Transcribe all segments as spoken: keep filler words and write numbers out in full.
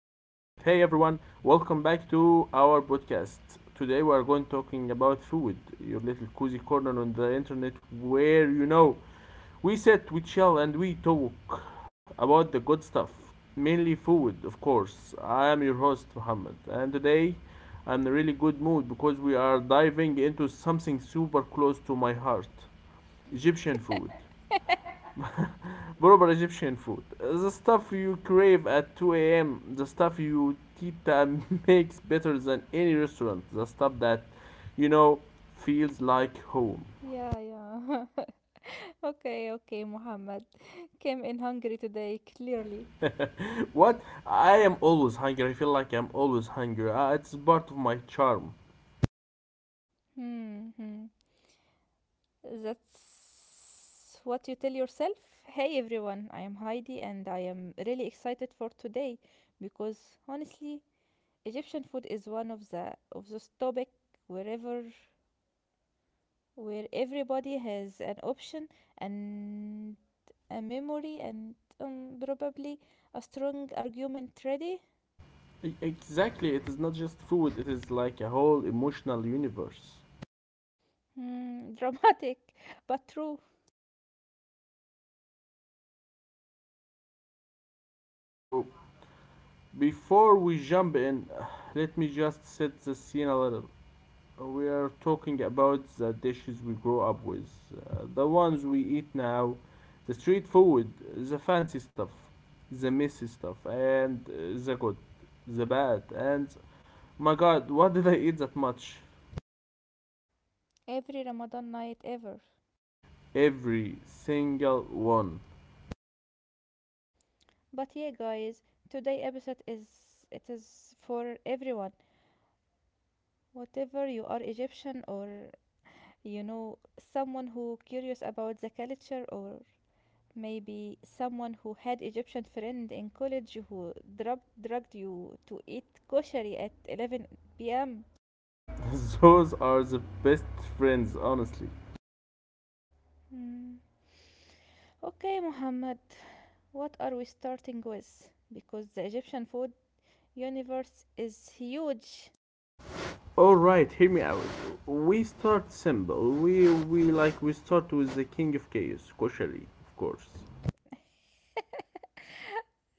Hey everyone, welcome back to our podcast. Today we are going talking about food, your little cozy corner on the internet where you know we sit, we chill, and we talk about the good stuff, mainly food, of course. I am your host Muhammad, and today I'm in a really good mood because we are diving into something super close to my heart, Egyptian food. Proper Egyptian food. Uh, The stuff you crave at two a m. The stuff you tita makes better than any restaurant. The stuff that, you know, feels like home. Yeah, yeah. Okay, okay, Muhammad. Came in hungry today, clearly. What? I am always hungry. I feel like I'm always hungry. Uh, it's part of my charm. Hmm, hmm. That's what you tell yourself. Hey everyone, I am Heidi and I am really excited for today because honestly, Egyptian food is one of the of those topic wherever where everybody has an option and a memory and um, probably a strong argument ready. E- Exactly. It is not just food. It is like a whole emotional universe. Hmm, dramatic, but true. So before we jump in, let me just set the scene a little. Uh, we are talking about the dishes we grow up with, uh, the ones we eat now, the street food, the fancy stuff, the messy stuff, and uh, the good, the bad, and my god, what did I eat that much? Every Ramadan night ever. Every single one. But yeah, guys, today episode is it is for everyone. Whatever you are Egyptian or you know someone who curious about the culture or maybe someone who had Egyptian friend in college who drug drugged you to eat koshari at eleven p m. Those are the best friends, honestly. Hmm. Okay, Muhammad, what are we starting with? Because the Egyptian food universe is huge. Alright, hear me out. We start simple. We we like we start with the king of chaos, koshari, of course.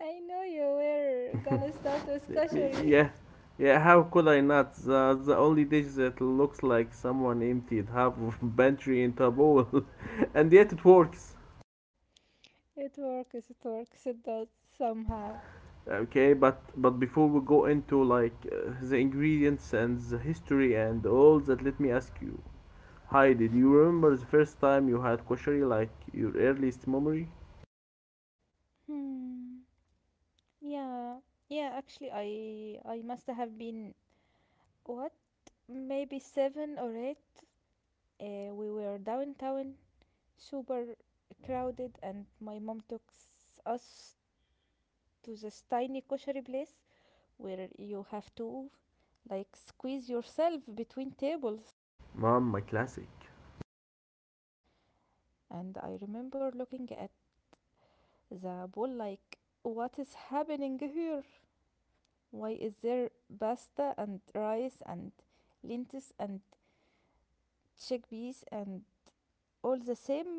I know you were gonna start with koshery. Yeah, yeah. How could I not? The, the only dish that looks like someone emptied half of pantry into a bowl, and yet it works. It works, it works, it does somehow. Okay, but but before we go into like uh, the ingredients and the history and all that, let me ask you, hi, did you remember the first time you had koshari, like your earliest memory? Hmm. Yeah. Yeah, actually I I must have been what? Maybe seven or eight. Uh, we were downtown, super crowded and my mom took s- us to this tiny koshery place where you have to like squeeze yourself between tables. Mom, my classic. And I remember looking at the bowl like, what is happening here? Why is there pasta and rice and lentils and chickpeas and all the same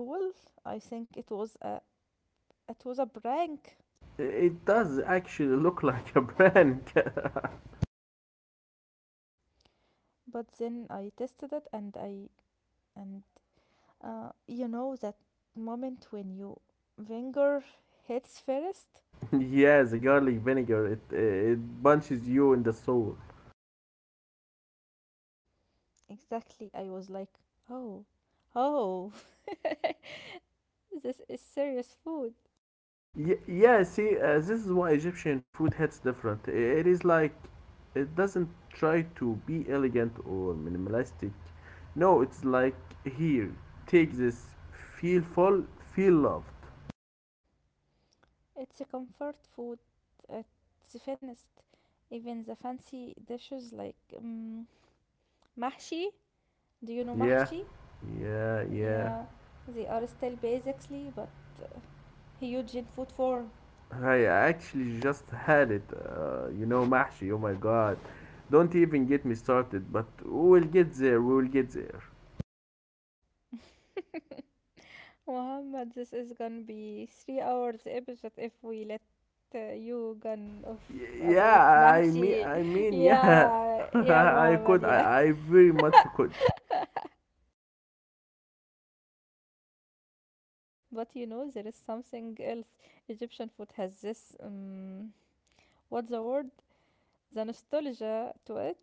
bowl? I think it was a it was a prank. It does actually look like a prank. But then I tested it, and I and uh, you know that moment when you finger hits first? Yeah, the garlic vinegar. It it bunches you in the soul. Exactly, I was like, oh, oh. This is serious food. Y- yeah, see, uh, this is why Egyptian food hits different. I- It is like it doesn't try to be elegant or minimalistic. No, it's like here, take this, feel full, feel loved. It's a comfort food at the finest. Even the fancy dishes like um, mahshi, do you know Yeah, mahshi? yeah, yeah. Yeah, they are still basically but huge in food form. I actually just had it. Uh, you know, Mahshi. Oh my God, don't even get me started. But we'll get there. We will get there. Muhammad, this is gonna be three hours episode if we let uh, you gone off Y- about yeah, I mean, mahshi. I mean, yeah. Yeah, yeah, I Muhammad, could. yeah. I, I very much could. But you know, there is something else. Egyptian food has this um, what's the word? The nostalgia to it,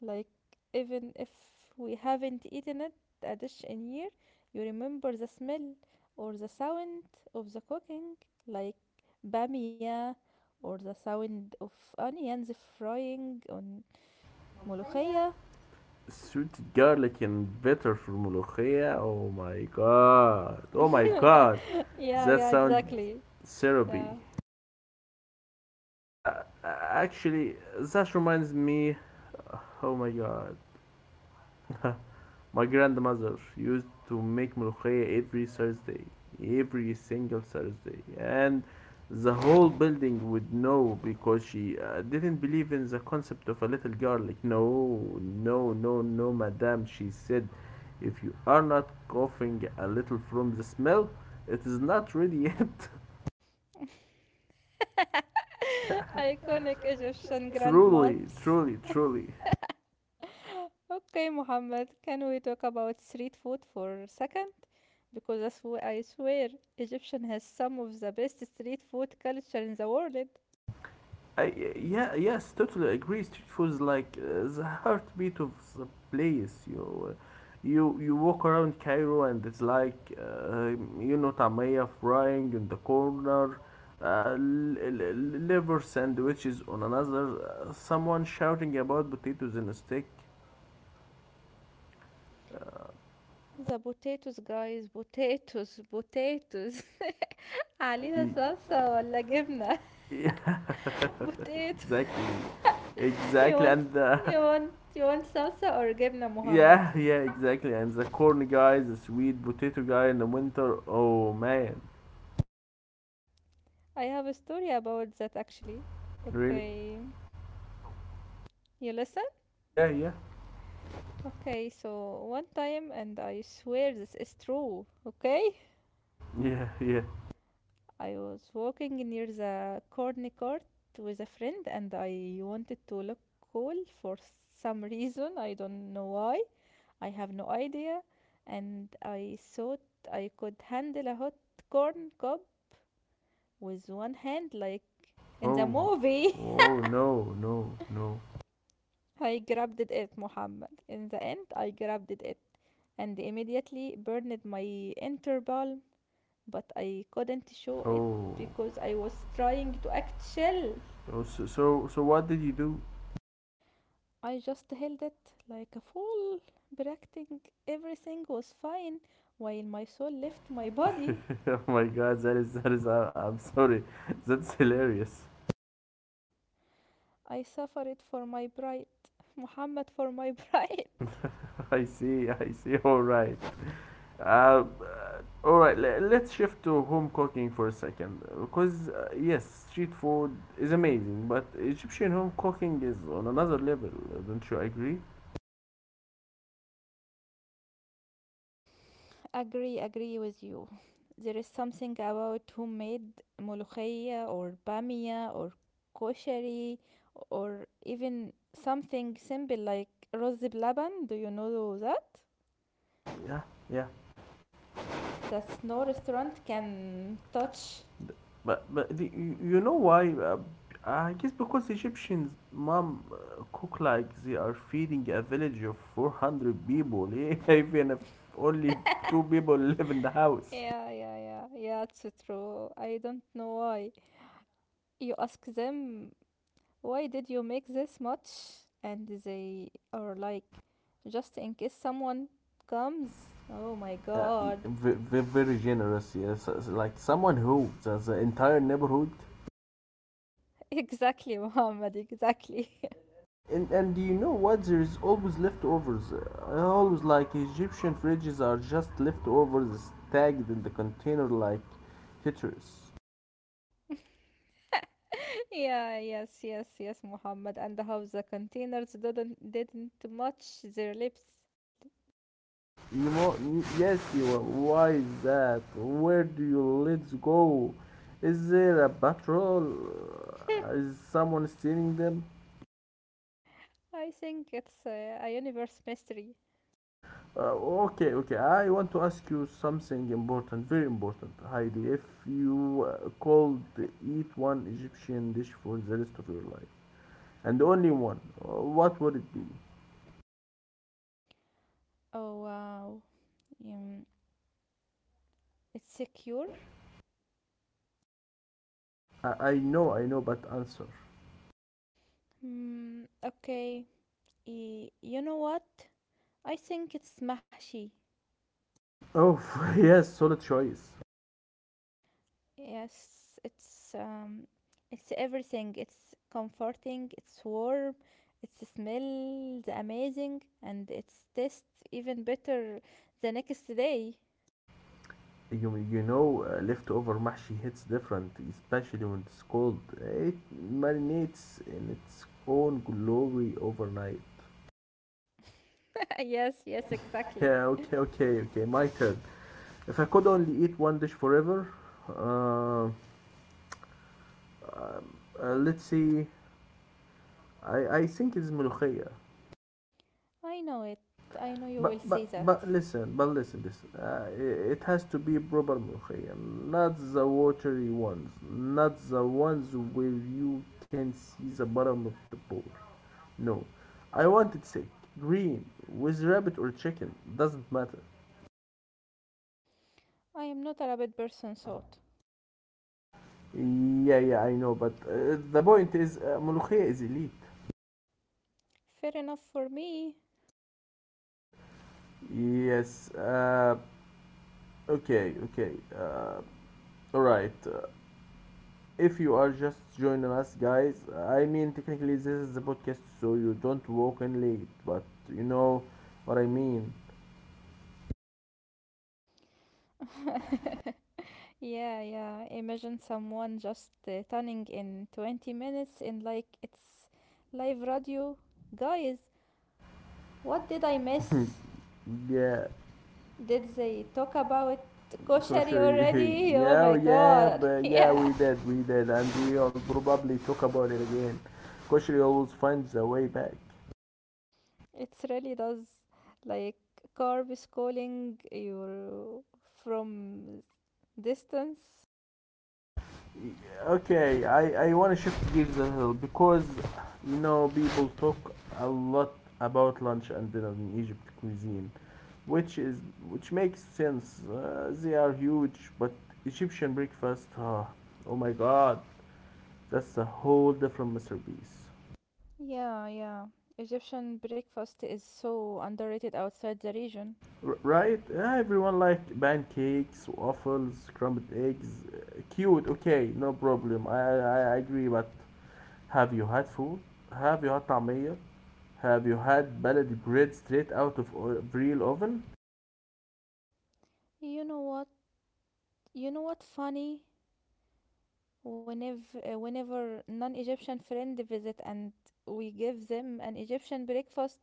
like even if we haven't eaten it a dish in year, you remember the smell or the sound of the cooking, like bamia or the sound of onions frying on molokhia. Sweet garlic and butter for molokhia. Oh my god. Oh my god. Yeah, That yeah, sounds exactly. syrupy. Yeah. Uh, uh, Actually, that reminds me. Oh my god. My grandmother used to make ملوخية every Thursday, every single Thursday, and the whole building would know because she uh, didn't believe in the concept of a little garlic. No, no, no, no, madam, she said, if you are not coughing a little from the smell, it is not ready yet. Iconic Egyptian Truly, grandmoms. truly, truly. Okay, Mohammed, can we talk about street food for a second? Because I, sw- I swear Egyptian has some of the best street food culture in the world. I, yeah, yes, totally agree. Street food is like uh, the heartbeat of the place. You, uh, you, you walk around Cairo and it's like, uh, you know, tamaya frying in the corner, uh, l- l- l- liver sandwiches on another, uh, someone shouting about potatoes in a stick. The potatoes guys, potatoes, potatoes. عليها صلصة ولا جبنة. Y- Potatoes. Exactly, you exactly, want and uh, you want you want salsa or جبنة, Muhammad? yeah, yeah, exactly, and the corn guy, the sweet potato guy in the winter. Oh man, I have a story about that actually, really? okay? You listen. Yeah, yeah, Okay, so one time, and I swear this is true, okay, yeah, yeah. I was walking near the corny court with a friend and I wanted to look cool for some reason. I don't know why. I have no idea. And I thought I could handle a hot corn cob with one hand, like in the Oh, movie. oh no, no, no. I grabbed it, Muhammad. In the end, I grabbed it and immediately burned my inner balm, but I couldn't show it Oh, because I was trying to act chill. oh so, so, so what did you do? I just held it like a fool, practicing everything was fine while my soul left my body. Oh my God, that is, that is. I, I'm sorry, that's hilarious. I suffered for my pride, Muhammad, for my pride. I see, I see. All right. Um, All right, le- let's shift to home cooking for a second uh, because uh, yes, street food is amazing, but Egyptian home cooking is on another level. uh, Don't you agree? Agree, agree with you. There is something about who made molokhaya or bamia or koshari or even something simple like rose blaban. Do you know that? Yeah, yeah. That's no restaurant can touch. But but the, you you know why? Uh, I guess because Egyptians mom uh, cook like they are feeding a village of four hundred people, even if only two people live in the house. Yeah, yeah, yeah, yeah, it's true. I don't know why. You ask them, why did you make this much? And they are like, just in case someone comes. Oh my Uh, God. Very, very generous, yes. It's like someone who, does the entire neighborhood. Exactly, Muhammad, exactly. And, and do you know what? There's always leftovers. I always like Egyptian fridges are just leftovers stacked in the container like Tetris. Yeah, yes, yes, yes, Muhammad. And how the containers didn't didn't match their lips. You know, yes, you are. Why is that? Where do you let's go? Is there a patrol? Is someone stealing them? I think it's a, a universe mystery. Uh, okay, okay. I want to ask you something important, very important, Heidi. If you uh, called eat one Egyptian dish for the rest of your life, and only one. Uh, What would it be? Oh wow. Um, it's secure? I, I know, I know, but answer. Hmm, okay. Y- you know what? I think it's mahshi. Oh, yes, solid choice. Yes, it's um, it's everything. It's comforting. It's warm. It's smells amazing, and it's tastes even better the next day. You, you know, uh, leftover mahshi hits different, especially when it's cold. It marinates in its own glory overnight. Yes, yes, exactly. Yeah, okay, okay, okay, my turn. If I could only eat one dish forever, uh, um, uh, let's see. I, I think it's ملوخية. I know it. I know you But will say but that. but listen, but listen, listen. Uh, i- it has to be proper ملوخية, not the watery ones, not the ones where you can see the bottom of the bowl. No, I want it sick, green, with rabbit or chicken, doesn't matter. I am not a rabbit person, so Yeah, yeah, I know, but uh, the point is, uh, ملوخية is elite. fair enough for me. Yes. Uh, okay, okay. Uh, all right. If you are just joining us, guys, I mean, technically, this is the podcast, so you don't walk in late, but you know what I mean. Yeah, yeah. Imagine someone just uh, turning in twenty minutes and like it's live radio. Guys, what did I miss? Yeah, Did they talk about koshari kosher. already? Oh Yeah, my yeah, god. but yeah, Yeah. we did, we did, and we'll probably talk about it again. Kosher always finds a way back. It really does, like carbs calling your from distance. Okay, I, I want to shift gears a little because you know people talk a lot about lunch and dinner in Egypt cuisine which is which makes sense. Uh, they are huge, but Egyptian breakfast, ah, oh my god, that's a whole different masterpiece. Yeah, yeah. Egyptian breakfast is so underrated outside the region. R- right? Yeah, everyone like pancakes, waffles, crumbled eggs. Uh, Cute, okay, no problem. I, I I agree, but have you had food? Have you had طعمية? Have you had baladi bread straight out of o- real oven? You know what? You know what funny? whenever uh, whenever non-Egyptian friend visit and we give them an Egyptian breakfast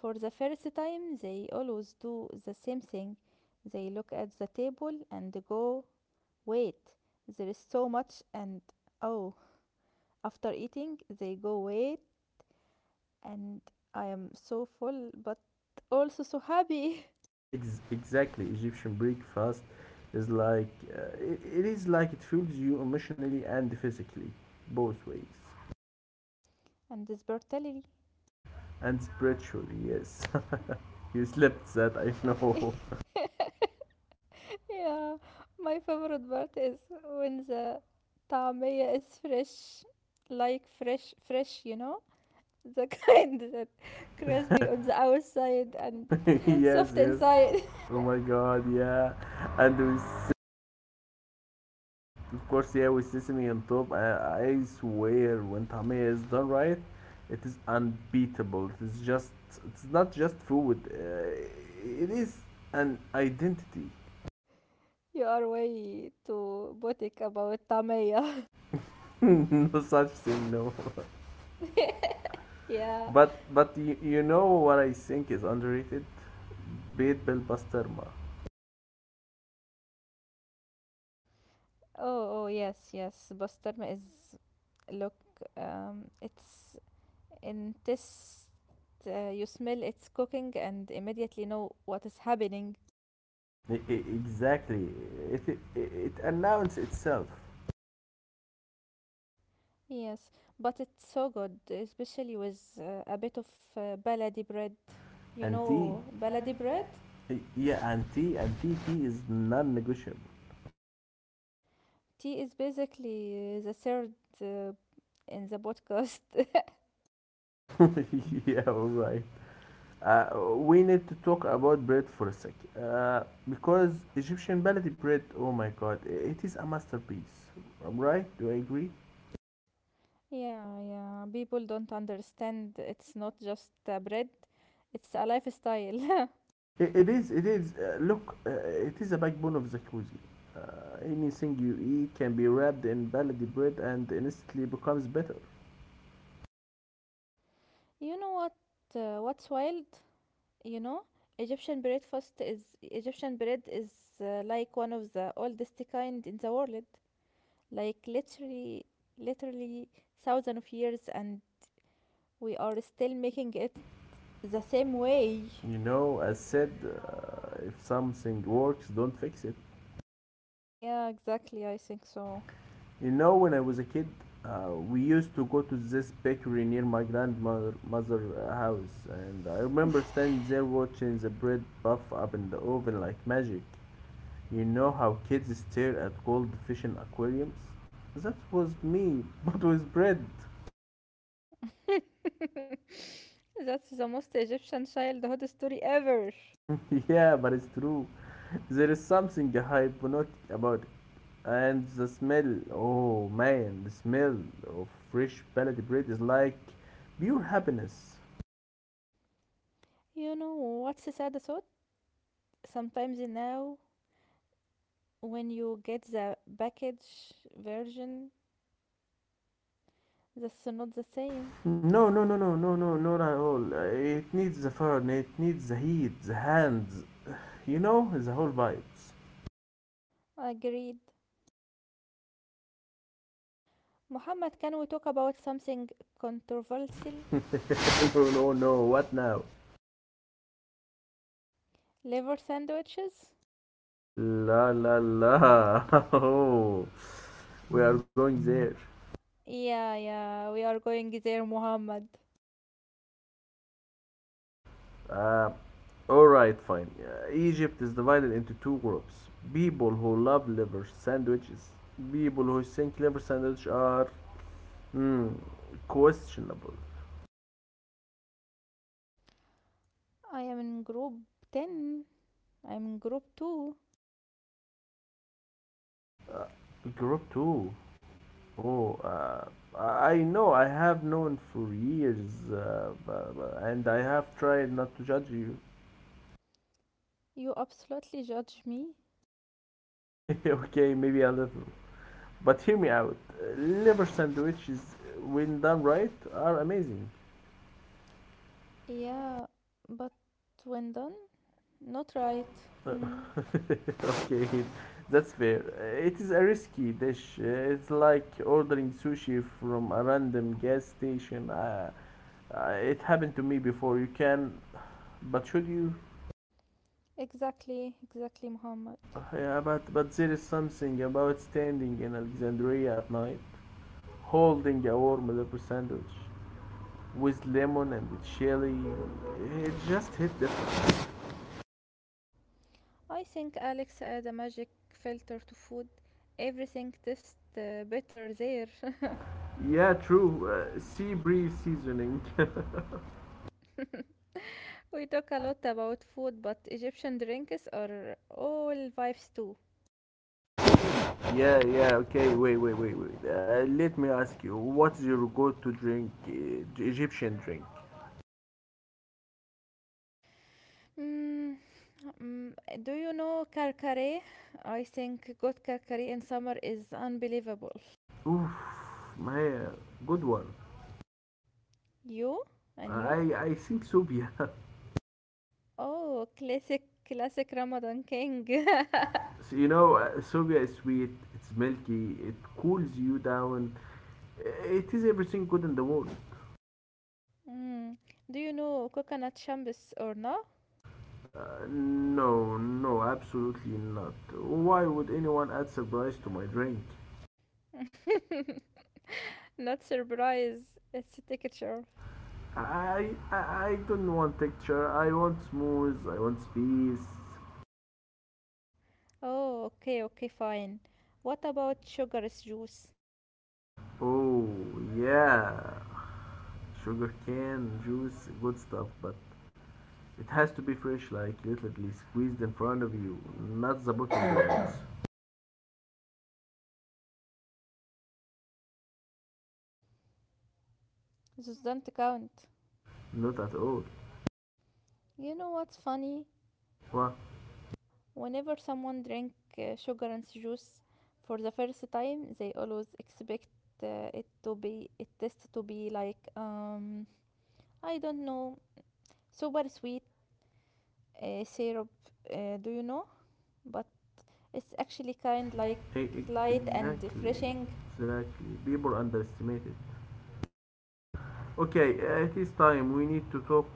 for the first time, they always do the same thing. They look at the table and go, "Wait, there is so much," and "Oh." After eating, they go, "Wait," and "I am so full, but also so happy." Ex- exactly, Egyptian breakfast is like uh, it, it is like it fuels you emotionally and physically, both ways, And this brutality. and spiritually. Yes, you slept that I know. Yeah, my favorite part is when the طعمية is fresh, like fresh, fresh, you know, the kind that crispy on the outside and Yes, soft yes. inside. Oh my God, yeah. And with, of course, yeah, with sesame on top. I, I swear, when tamia is done right, it is unbeatable. It is just, it's not just food. Uh, it is an identity. You are way too boutique about طعمية. No such thing, no. Yeah. But but you, you know what I think is underrated? Beat Bill Pasterma. Oh, oh, yes, yes. Bostarma is, look, um, it's in this. Uh, you smell it's cooking and immediately know what is happening. E- e- exactly. It, it, it announced itself. Yes, but it's so good, especially with uh, a bit of uh, baladi bread. You And T, know, baladi bread? yeah, and T and T T is non-negotiable. Tea is basically the third uh, in the podcast. Yeah, all right. Uh, we need to talk about bread for a sec. Uh, because Egyptian ballet bread, oh my god, it is a masterpiece. Right? Do I agree? Yeah, yeah. People don't understand. It's not just uh, bread, it's a lifestyle. It, it is, it is, uh, look, uh, it is a backbone of Jacuzzi. Uh, anything you eat can be wrapped in baladi bread and instantly becomes better. You know what? Uh, what's wild? You know, Egyptian breakfast is Egyptian bread is uh, like one of the oldest kind in the world. Like, literally literally thousands of years, and we are still making it the same way. You know, as said, uh, if something works, don't fix it. Yeah, exactly, I think so. You know, when I was a kid, uh, we used to go to this bakery near my grandmother mother uh, house, and I remember standing there watching the bread puff up in the oven like magic. You know how kids stare at gold fish in aquariums? That was me, but with bread. That's the most Egyptian childhood story ever. Yeah, but it's true. There is something hypnotic about it. And the smell, oh man, the smell of fresh pellet bread is like pure happiness. You know what's the sad thought? Sometimes now, when you get the package version, that's not the same. No, no, no, no, no, no, not at all. Uh, It needs the fun, it needs the heat, the hands, you know, the whole vibes. Agreed. Muhammad, can we talk about something controversial? No, no, no, what now? Liver sandwiches? La la la. Oh, we are going there. Yeah, yeah, we are going there, Muhammad. Uh, all right, fine. Uh, Egypt is divided into two groups: people who love liver sandwiches, people who think liver sandwiches are hmm, questionable. I am in group ten. I'm in group two. Group two. Oh, uh, I know. I have known for years, uh, uh, and I have tried not to judge you. You absolutely judge me. Okay, maybe I'll. But hear me out. Uh, Liver sandwiches, when done right, are amazing. Yeah, but when done, not right. Uh, Mm. okay, that's fair. Uh, It is a risky dish. Uh, It's like ordering sushi from a random gas station. Uh, uh, it happened to me before. You can, but should you? Exactly, exactly, Muhammad. Uh, yeah, but but there is something about standing in Alexandria at night, holding a warm liver sandwich with lemon and chili. It just hit the. I think Alex add a magic filter to food. Everything tastes uh, better there. Yeah, true. Uh, sea breeze seasoning. We talk a lot about food, but Egyptian drinks are all vibes too. Yeah, yeah, okay. Wait, wait, wait, wait. Uh, let me ask you, what's your go-to drink, uh, Egyptian drink? Mm, mm, do you know Calcare? I think got Calcare in summer is unbelievable. Oof, my uh, good one. You Uh, and you? I I think Sobia. Oh, classic, classic Ramadan king. So, you know, uh, Sobia is sweet. It's milky. It cools you down. Uh, It is everything good in the world. Mm, do you know coconut shambis or no? Uh, no, no, absolutely not. Why would anyone add surprise to my drink? Not surprise. It's a texture. I, I I don't want texture. I want smooth. I want space. Oh, okay, okay, fine. What about sugar's juice? Oh, yeah. Sugarcane juice, good stuff, but it has to be fresh, like literally squeezed in front of you, not the bottom ones. Those don't count. Not at all. You know what's funny? What? Whenever someone drink uh, sugar and juice for the first time, they always expect uh, it to be it tastes to be like um I don't know, super sweet uh, syrup, uh, do you know, but it's actually kind like E- e- light and exactly. refreshing. Exactly. People underestimate it. Okay, uh, it is time. We need to talk,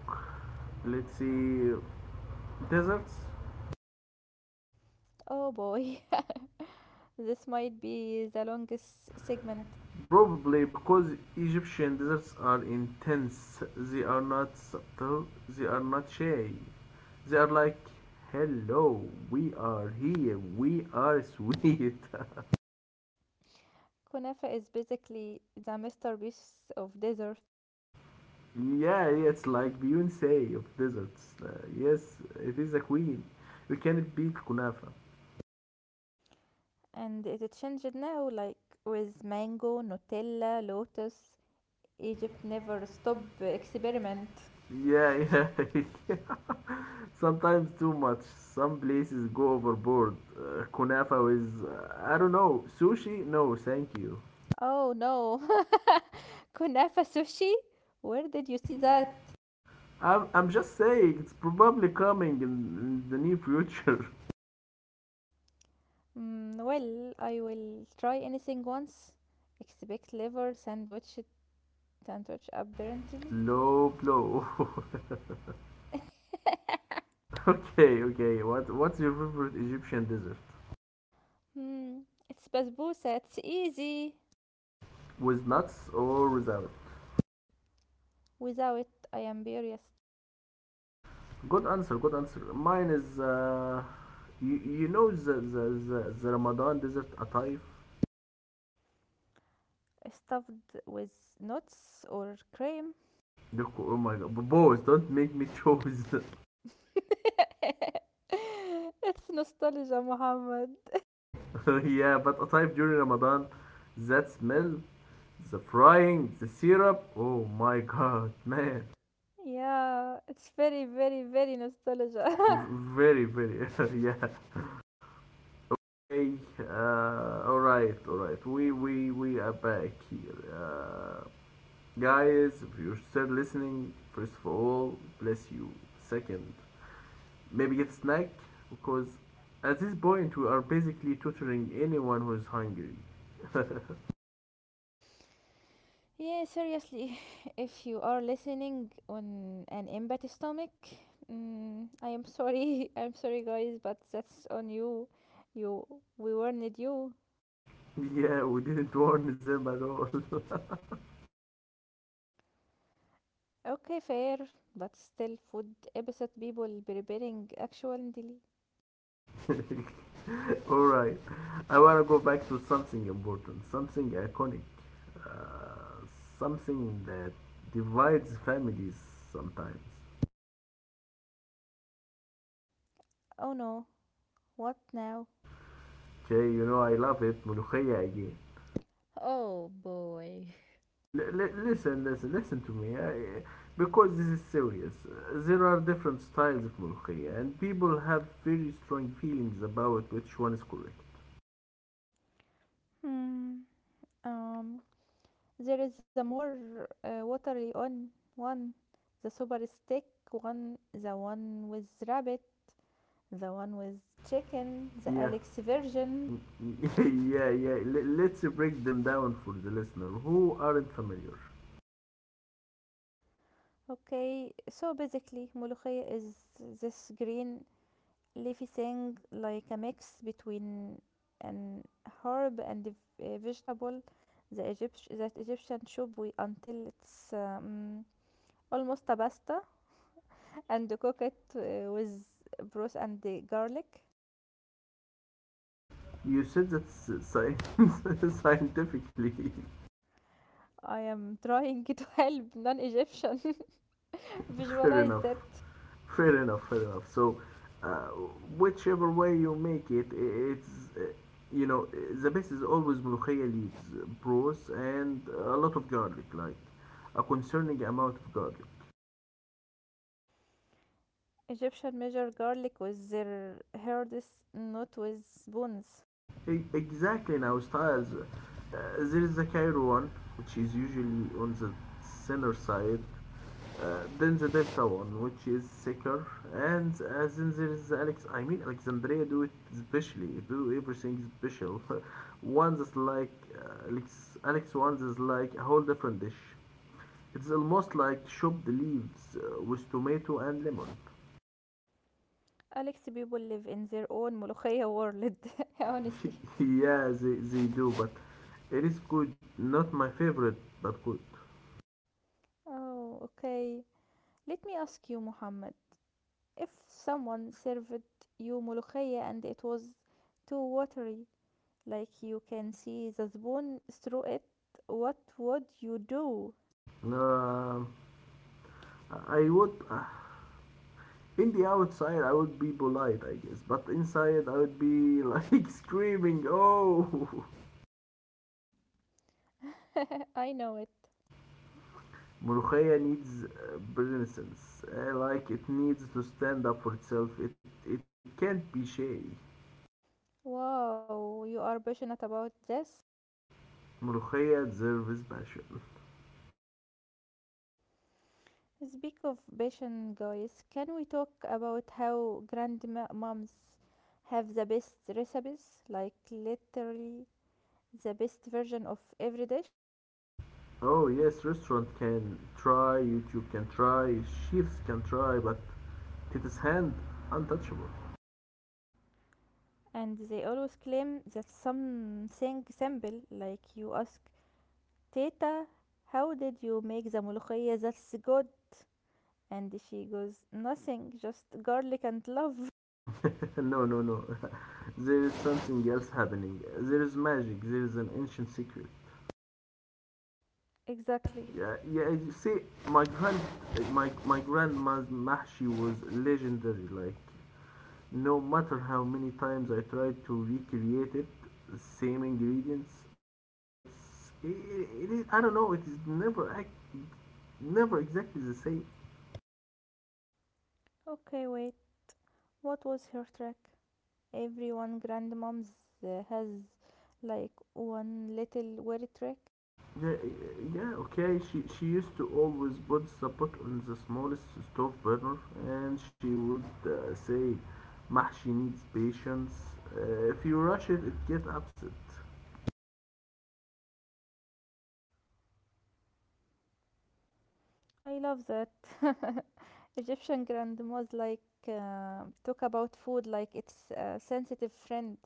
let's see, deserts. Oh boy. This might be the longest segment. Probably because Egyptian deserts are intense, they are not subtle, they are not shy. They're like, hello, we are here, we are sweet. Kunafa is basically the masterpiece of dessert. Yeah, it's like Beyonce of deserts. Uh, yes, it is a queen. You cannot beat Kunafa. And it changed now, like with mango nutella lotus, Egypt never stop experiment. Yeah, yeah, yeah. Sometimes too much. Some places go overboard. Uh, kunafa is, uh, I don't know, sushi? No, thank you. Oh no. Kunafa sushi? Where did you see that? I'm, I'm just saying, it's probably coming in, in the near future. Mm, well, I will try anything once. Expect liver sandwich sandwich apparently. Low blow. Okay, okay. What what's your favorite Egyptian dessert? Hmm, it's basbousa. It's easy. With nuts or without? Without it, I am furious. Good answer, good answer. Mine is uh, you, you know the, the, the, the Ramadan dessert ataif. Stuffed with nuts or cream. Look, oh my god, B- boys, don't make me choose. It's nostalgia, Muhammad. Yeah, but ataif during Ramadan, that smell, the frying, the syrup. Oh my god, man, Yeah, it's very, very, very V- nostalgia. very very yeah. Okay, uh, all right, all right. We we we are back here. Uh, Guys, if you're still listening, first of all, bless you. Second, maybe get a snack because at this point we are basically tutoring anyone who is hungry. Yeah, seriously, if you are listening on an empty stomach, mm, I am sorry. I'm sorry, guys, but that's on you. You, we warned you. Yeah, we didn't warn them at all. Okay, fair, but still, food episode people preparing actually. Alright, I wanna go back to something important, something iconic, uh, something that divides families sometimes. Oh no, what now? Okay, you know I love it, ملوخية again. Oh boy. L- Listen, listen, listen to me. I, because this is serious. There are different styles of mulkhiya, and people have very strong feelings about which one is correct. Hmm. Um. There is the more uh, watery on one, the super stick one, the one with rabbit, the one with chicken, the Yeah. Alex version. Yeah, yeah. L- let's break them down for the listener who aren't familiar. Okay, so basically, molokhia is this green leafy thing like a mix between an herb and a vegetable. The Egyptian, that Egyptian soup we until it's um, almost a pasta and cook it uh, with broth and the garlic. You said that s- sci- scientifically, I am trying to help non-Egyptian fair visualize enough. that. Fair enough, fair enough. So, uh, whichever way you make it, i- it's uh, you know the best is always molokhaya leaves, pros, and a lot of garlic, like a concerning amount of garlic. Egyptian measure garlic with their herds, not with spoons. E- exactly in our styles, uh, there is the Cairo one, which is usually on the center side. Uh, then the Delta one, which is secure, and uh, then there is Alex. I mean, Alexandria do it specially, do everything special. One that's like uh, Alex, Alex one is like a whole different dish. It's almost like chopped leaves uh, with tomato and lemon. Alex, people live in their own molokhaya world, honestly. Yeah, they, they do, but it is good. Not my favorite, but good. Oh, okay. Let me ask you, Muhammad. If someone served you molokhaya and it was too watery, like you can see the spoon through it, what would you do? Um, I would uh, in the outside, I would be polite, I guess, but inside, I would be like screaming, "Oh, I know it. Murugaya needs uh, renaissance. Uh, like it needs to stand up for itself. It it can't be shady. Wow, you are passionate about this. Murugaya deserves passion." Speak of passion, guys, can we talk about how grandmoms have the best recipes? Like, literally, the best version of every dish. Oh yes, restaurant can try, YouTube can try, chefs can try, but Tita's hand untouchable. And they always claim that something simple, like you ask, Teta, how did you make the mulukhaya that's good? And she goes, nothing, just garlic and love. No, no, no. There is something else happening. There is magic. There is an ancient secret. Exactly. Yeah, yeah. You see, my grand, my my grandma's mahshi was legendary. Like, no matter how many times I tried to recreate it, same ingredients, same steps. It, it is, I don't know. It is never, ac- never exactly the same. Okay, wait, what was her track? Everyone grandmoms uh, has like one little weird trick. Yeah, yeah. Okay. She she used to always put the pot on the smallest stove burner, and she would uh, say, "Mahshi needs patience. Uh, if you rush it, it gets upset." I love that. Egyptian grandmas, like, uh, talk about food like it's a sensitive friend.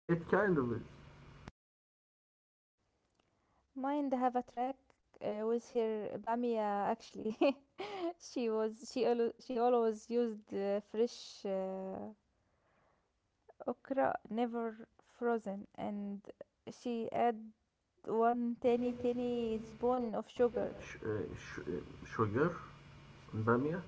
It kind of is. Mine have a track uh, with her bamia actually. she was she al- she always used uh, fresh uh, okra, never frozen, and she add one tiny tiny spoon of sugar. Sh- uh, sh- uh, sugar? And Bamia?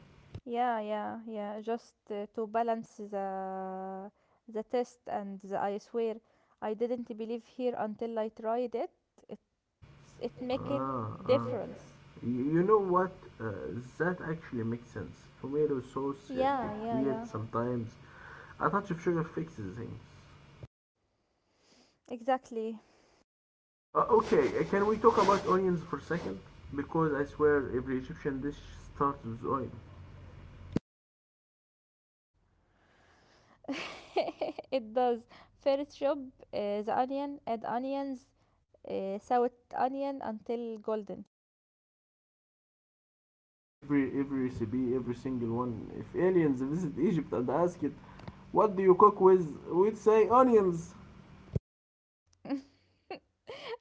Yeah, yeah, yeah. Just uh, to balance the the test, and the, I swear I didn't believe here until I tried it. It's it make it Ah, ah. difference. You know what? Uh, that actually makes sense. Tomato sauce uh, Yeah, get yeah, weird yeah. sometimes. A touch of sugar fixes things. Exactly. Uh, okay, uh, can we talk about onions for a second? Because I swear every Egyptian dish starts with oil. It does. First job uh, the onion, add onions, uh, saute onion until golden. Every every recipe, every single one. If aliens visit Egypt and ask it, what do you cook with? We'd say onions.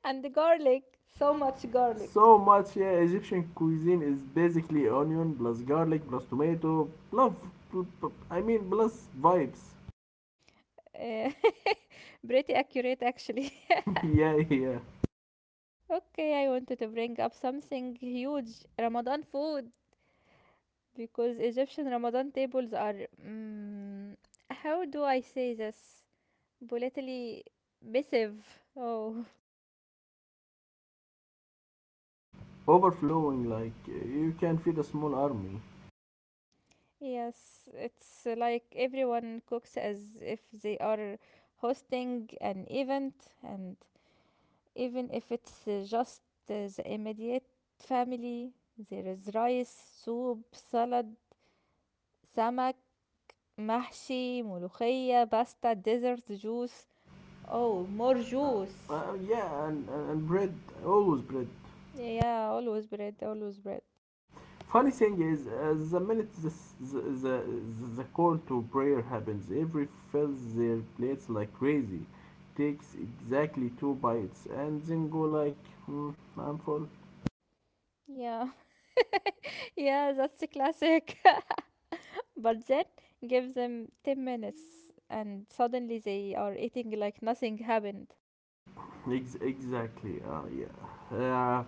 And the garlic, so much garlic. So much. Yeah, Egyptian cuisine is basically onion plus garlic plus tomato plus, pl- pl- I mean plus vibes. Uh, pretty accurate actually. Yeah, yeah, Okay, I wanted to bring up something huge, Ramadan food, because Egyptian Ramadan tables are, mm, how do I say this? Politically missive. Oh, overflowing like uh, you can feed a small army. yes, it's like everyone cooks as if they are hosting an event, and even if it's uh, just uh, the immediate family, there is rice, soup, salad, samak, محشي ملوخية باستا ديزرت جوس, oh, more juice. Uh, yeah, and, and and bread, always bread. Yeah, always bread, always bread. Funny thing is, uh, the minute the, the, the, the call to prayer happens, every fills their plates like crazy, takes exactly two bites, and then go like, hmm, I'm full. Yeah. Yeah, that's a classic. But then give them ten minutes and suddenly they are eating like nothing happened. Ex- exactly. Uh, yeah. Uh,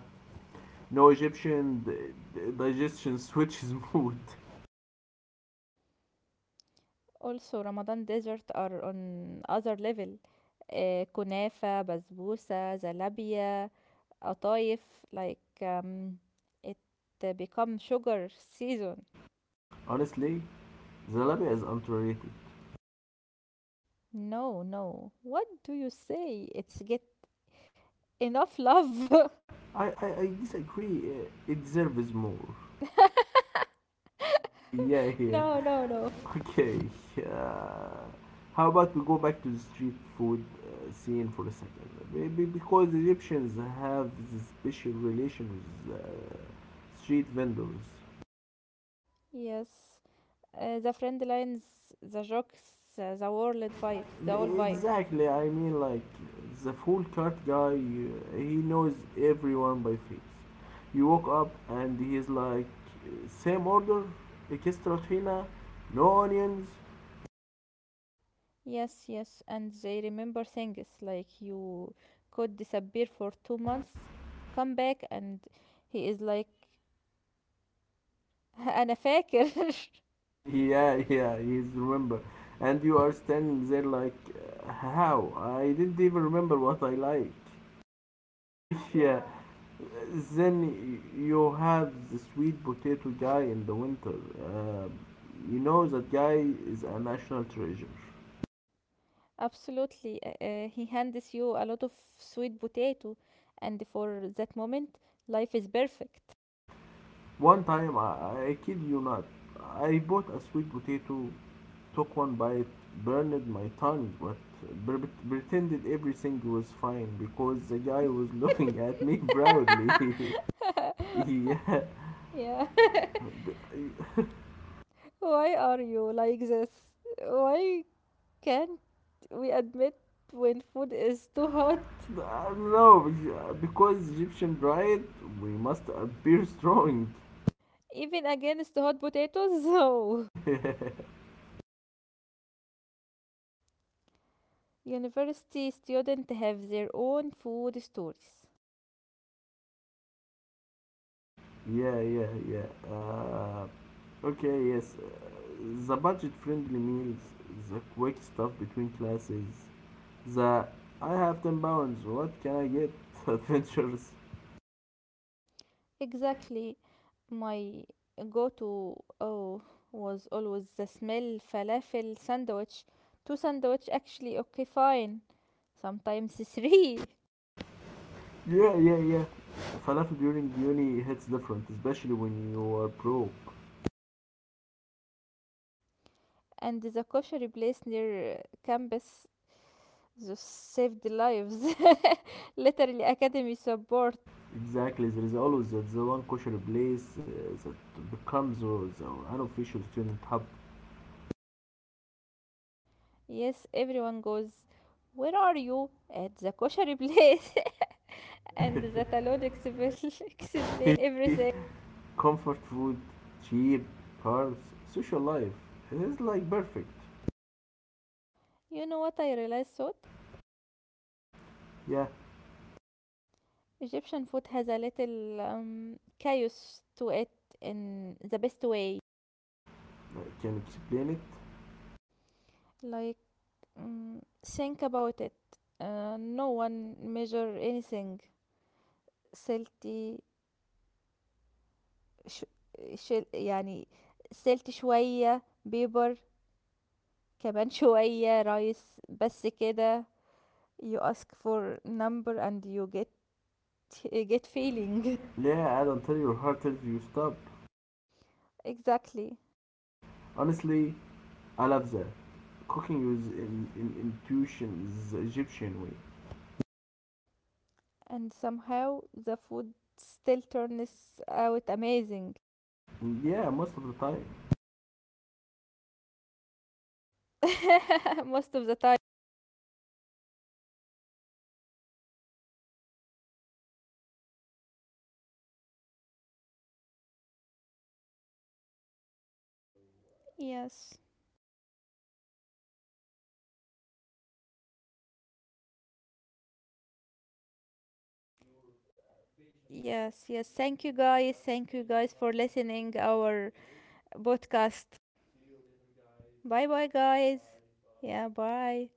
no Egyptian d- d- digestion switches mood. Also Ramadan desserts are on other level, uh, kunafa, بسبوسة zalabia, قطايف, like, um, it uh, become sugar season. Honestly, Zalabi is underrated. No, no. What do you say? It's get enough love. I, I, I disagree. Uh, it deserves more. Yeah, yeah. No, no, no. Okay. Uh, how about we go back to the street food uh, scene for a second? Maybe because Egyptians have this special relation with uh, street vendors. Yes. Uh, the friend lines, the jokes, uh, the world vibe, the whole vibe. Exactly, I mean, like, the full cart guy, uh, he knows everyone by face. You walk up and he's like, same order, extra tuna, no onions. Yes, yes. And they remember things, like you could disappear for two months, come back, and he is like, أنا فاكر. Yeah, yeah, he's remember. And you are standing there like, uh, how? I didn't even remember what I like. Yeah, then you have the sweet potato guy in the winter. Um, you know that guy is a national treasure. Absolutely. Uh, uh, he hands you a lot of sweet potato, and for that moment, life is perfect. One time, I, I kid you not, I bought a sweet potato, took one bite, burned my tongue, but pre- pretended everything was fine because the guy was looking at me proudly. Yeah. Yeah. Why are you like this? Why can't we admit when food is too hot, I don't know, because Egyptian pride, we must appear strong. even against hot potatoes? So, Yeah, university students have their own food stories. yeah, yeah. Uh, okay, yes. Uh, the budget friendly meals, the quick stuff between classes, the I have ten pounds, what can I get? Adventures. Exactly. My go-to oh was always the smell falafel sandwich. Two sandwich actually, okay, fine. Sometimes three. Yeah, yeah, yeah. Falafel during uni hits different, especially when you are broke. And the kosher place near uh, campus just saved lives. Literally academy support. Exactly, there is always that the one kosher place uh, that becomes uh, the unofficial student hub. Yes, everyone goes, where are you? At the kosher place, and the talon explain explain everything. Comfort food, cheap, cars, social life. It is like perfect. You know what I realized, so Yeah, Egyptian food has a little um, chaos to it, in the best way. I can explain it. Like, mm, think about it. Uh, no one measure anything. سلتي ش... شل... يعني سلتي شوية بيبر كمان شوية رايس بس كده. You ask for number and you get get feeling. Yeah, I don't tell your heart till you stop. Exactly. Honestly, I love that. Cooking with in, in intuition is the Egyptian way. And somehow the food still turns out amazing. Yeah, most of the time. Most of the time. Yes, yes, yes, thank you guys, thank you guys for listening our podcast. Bye bye, guys. Yeah, bye.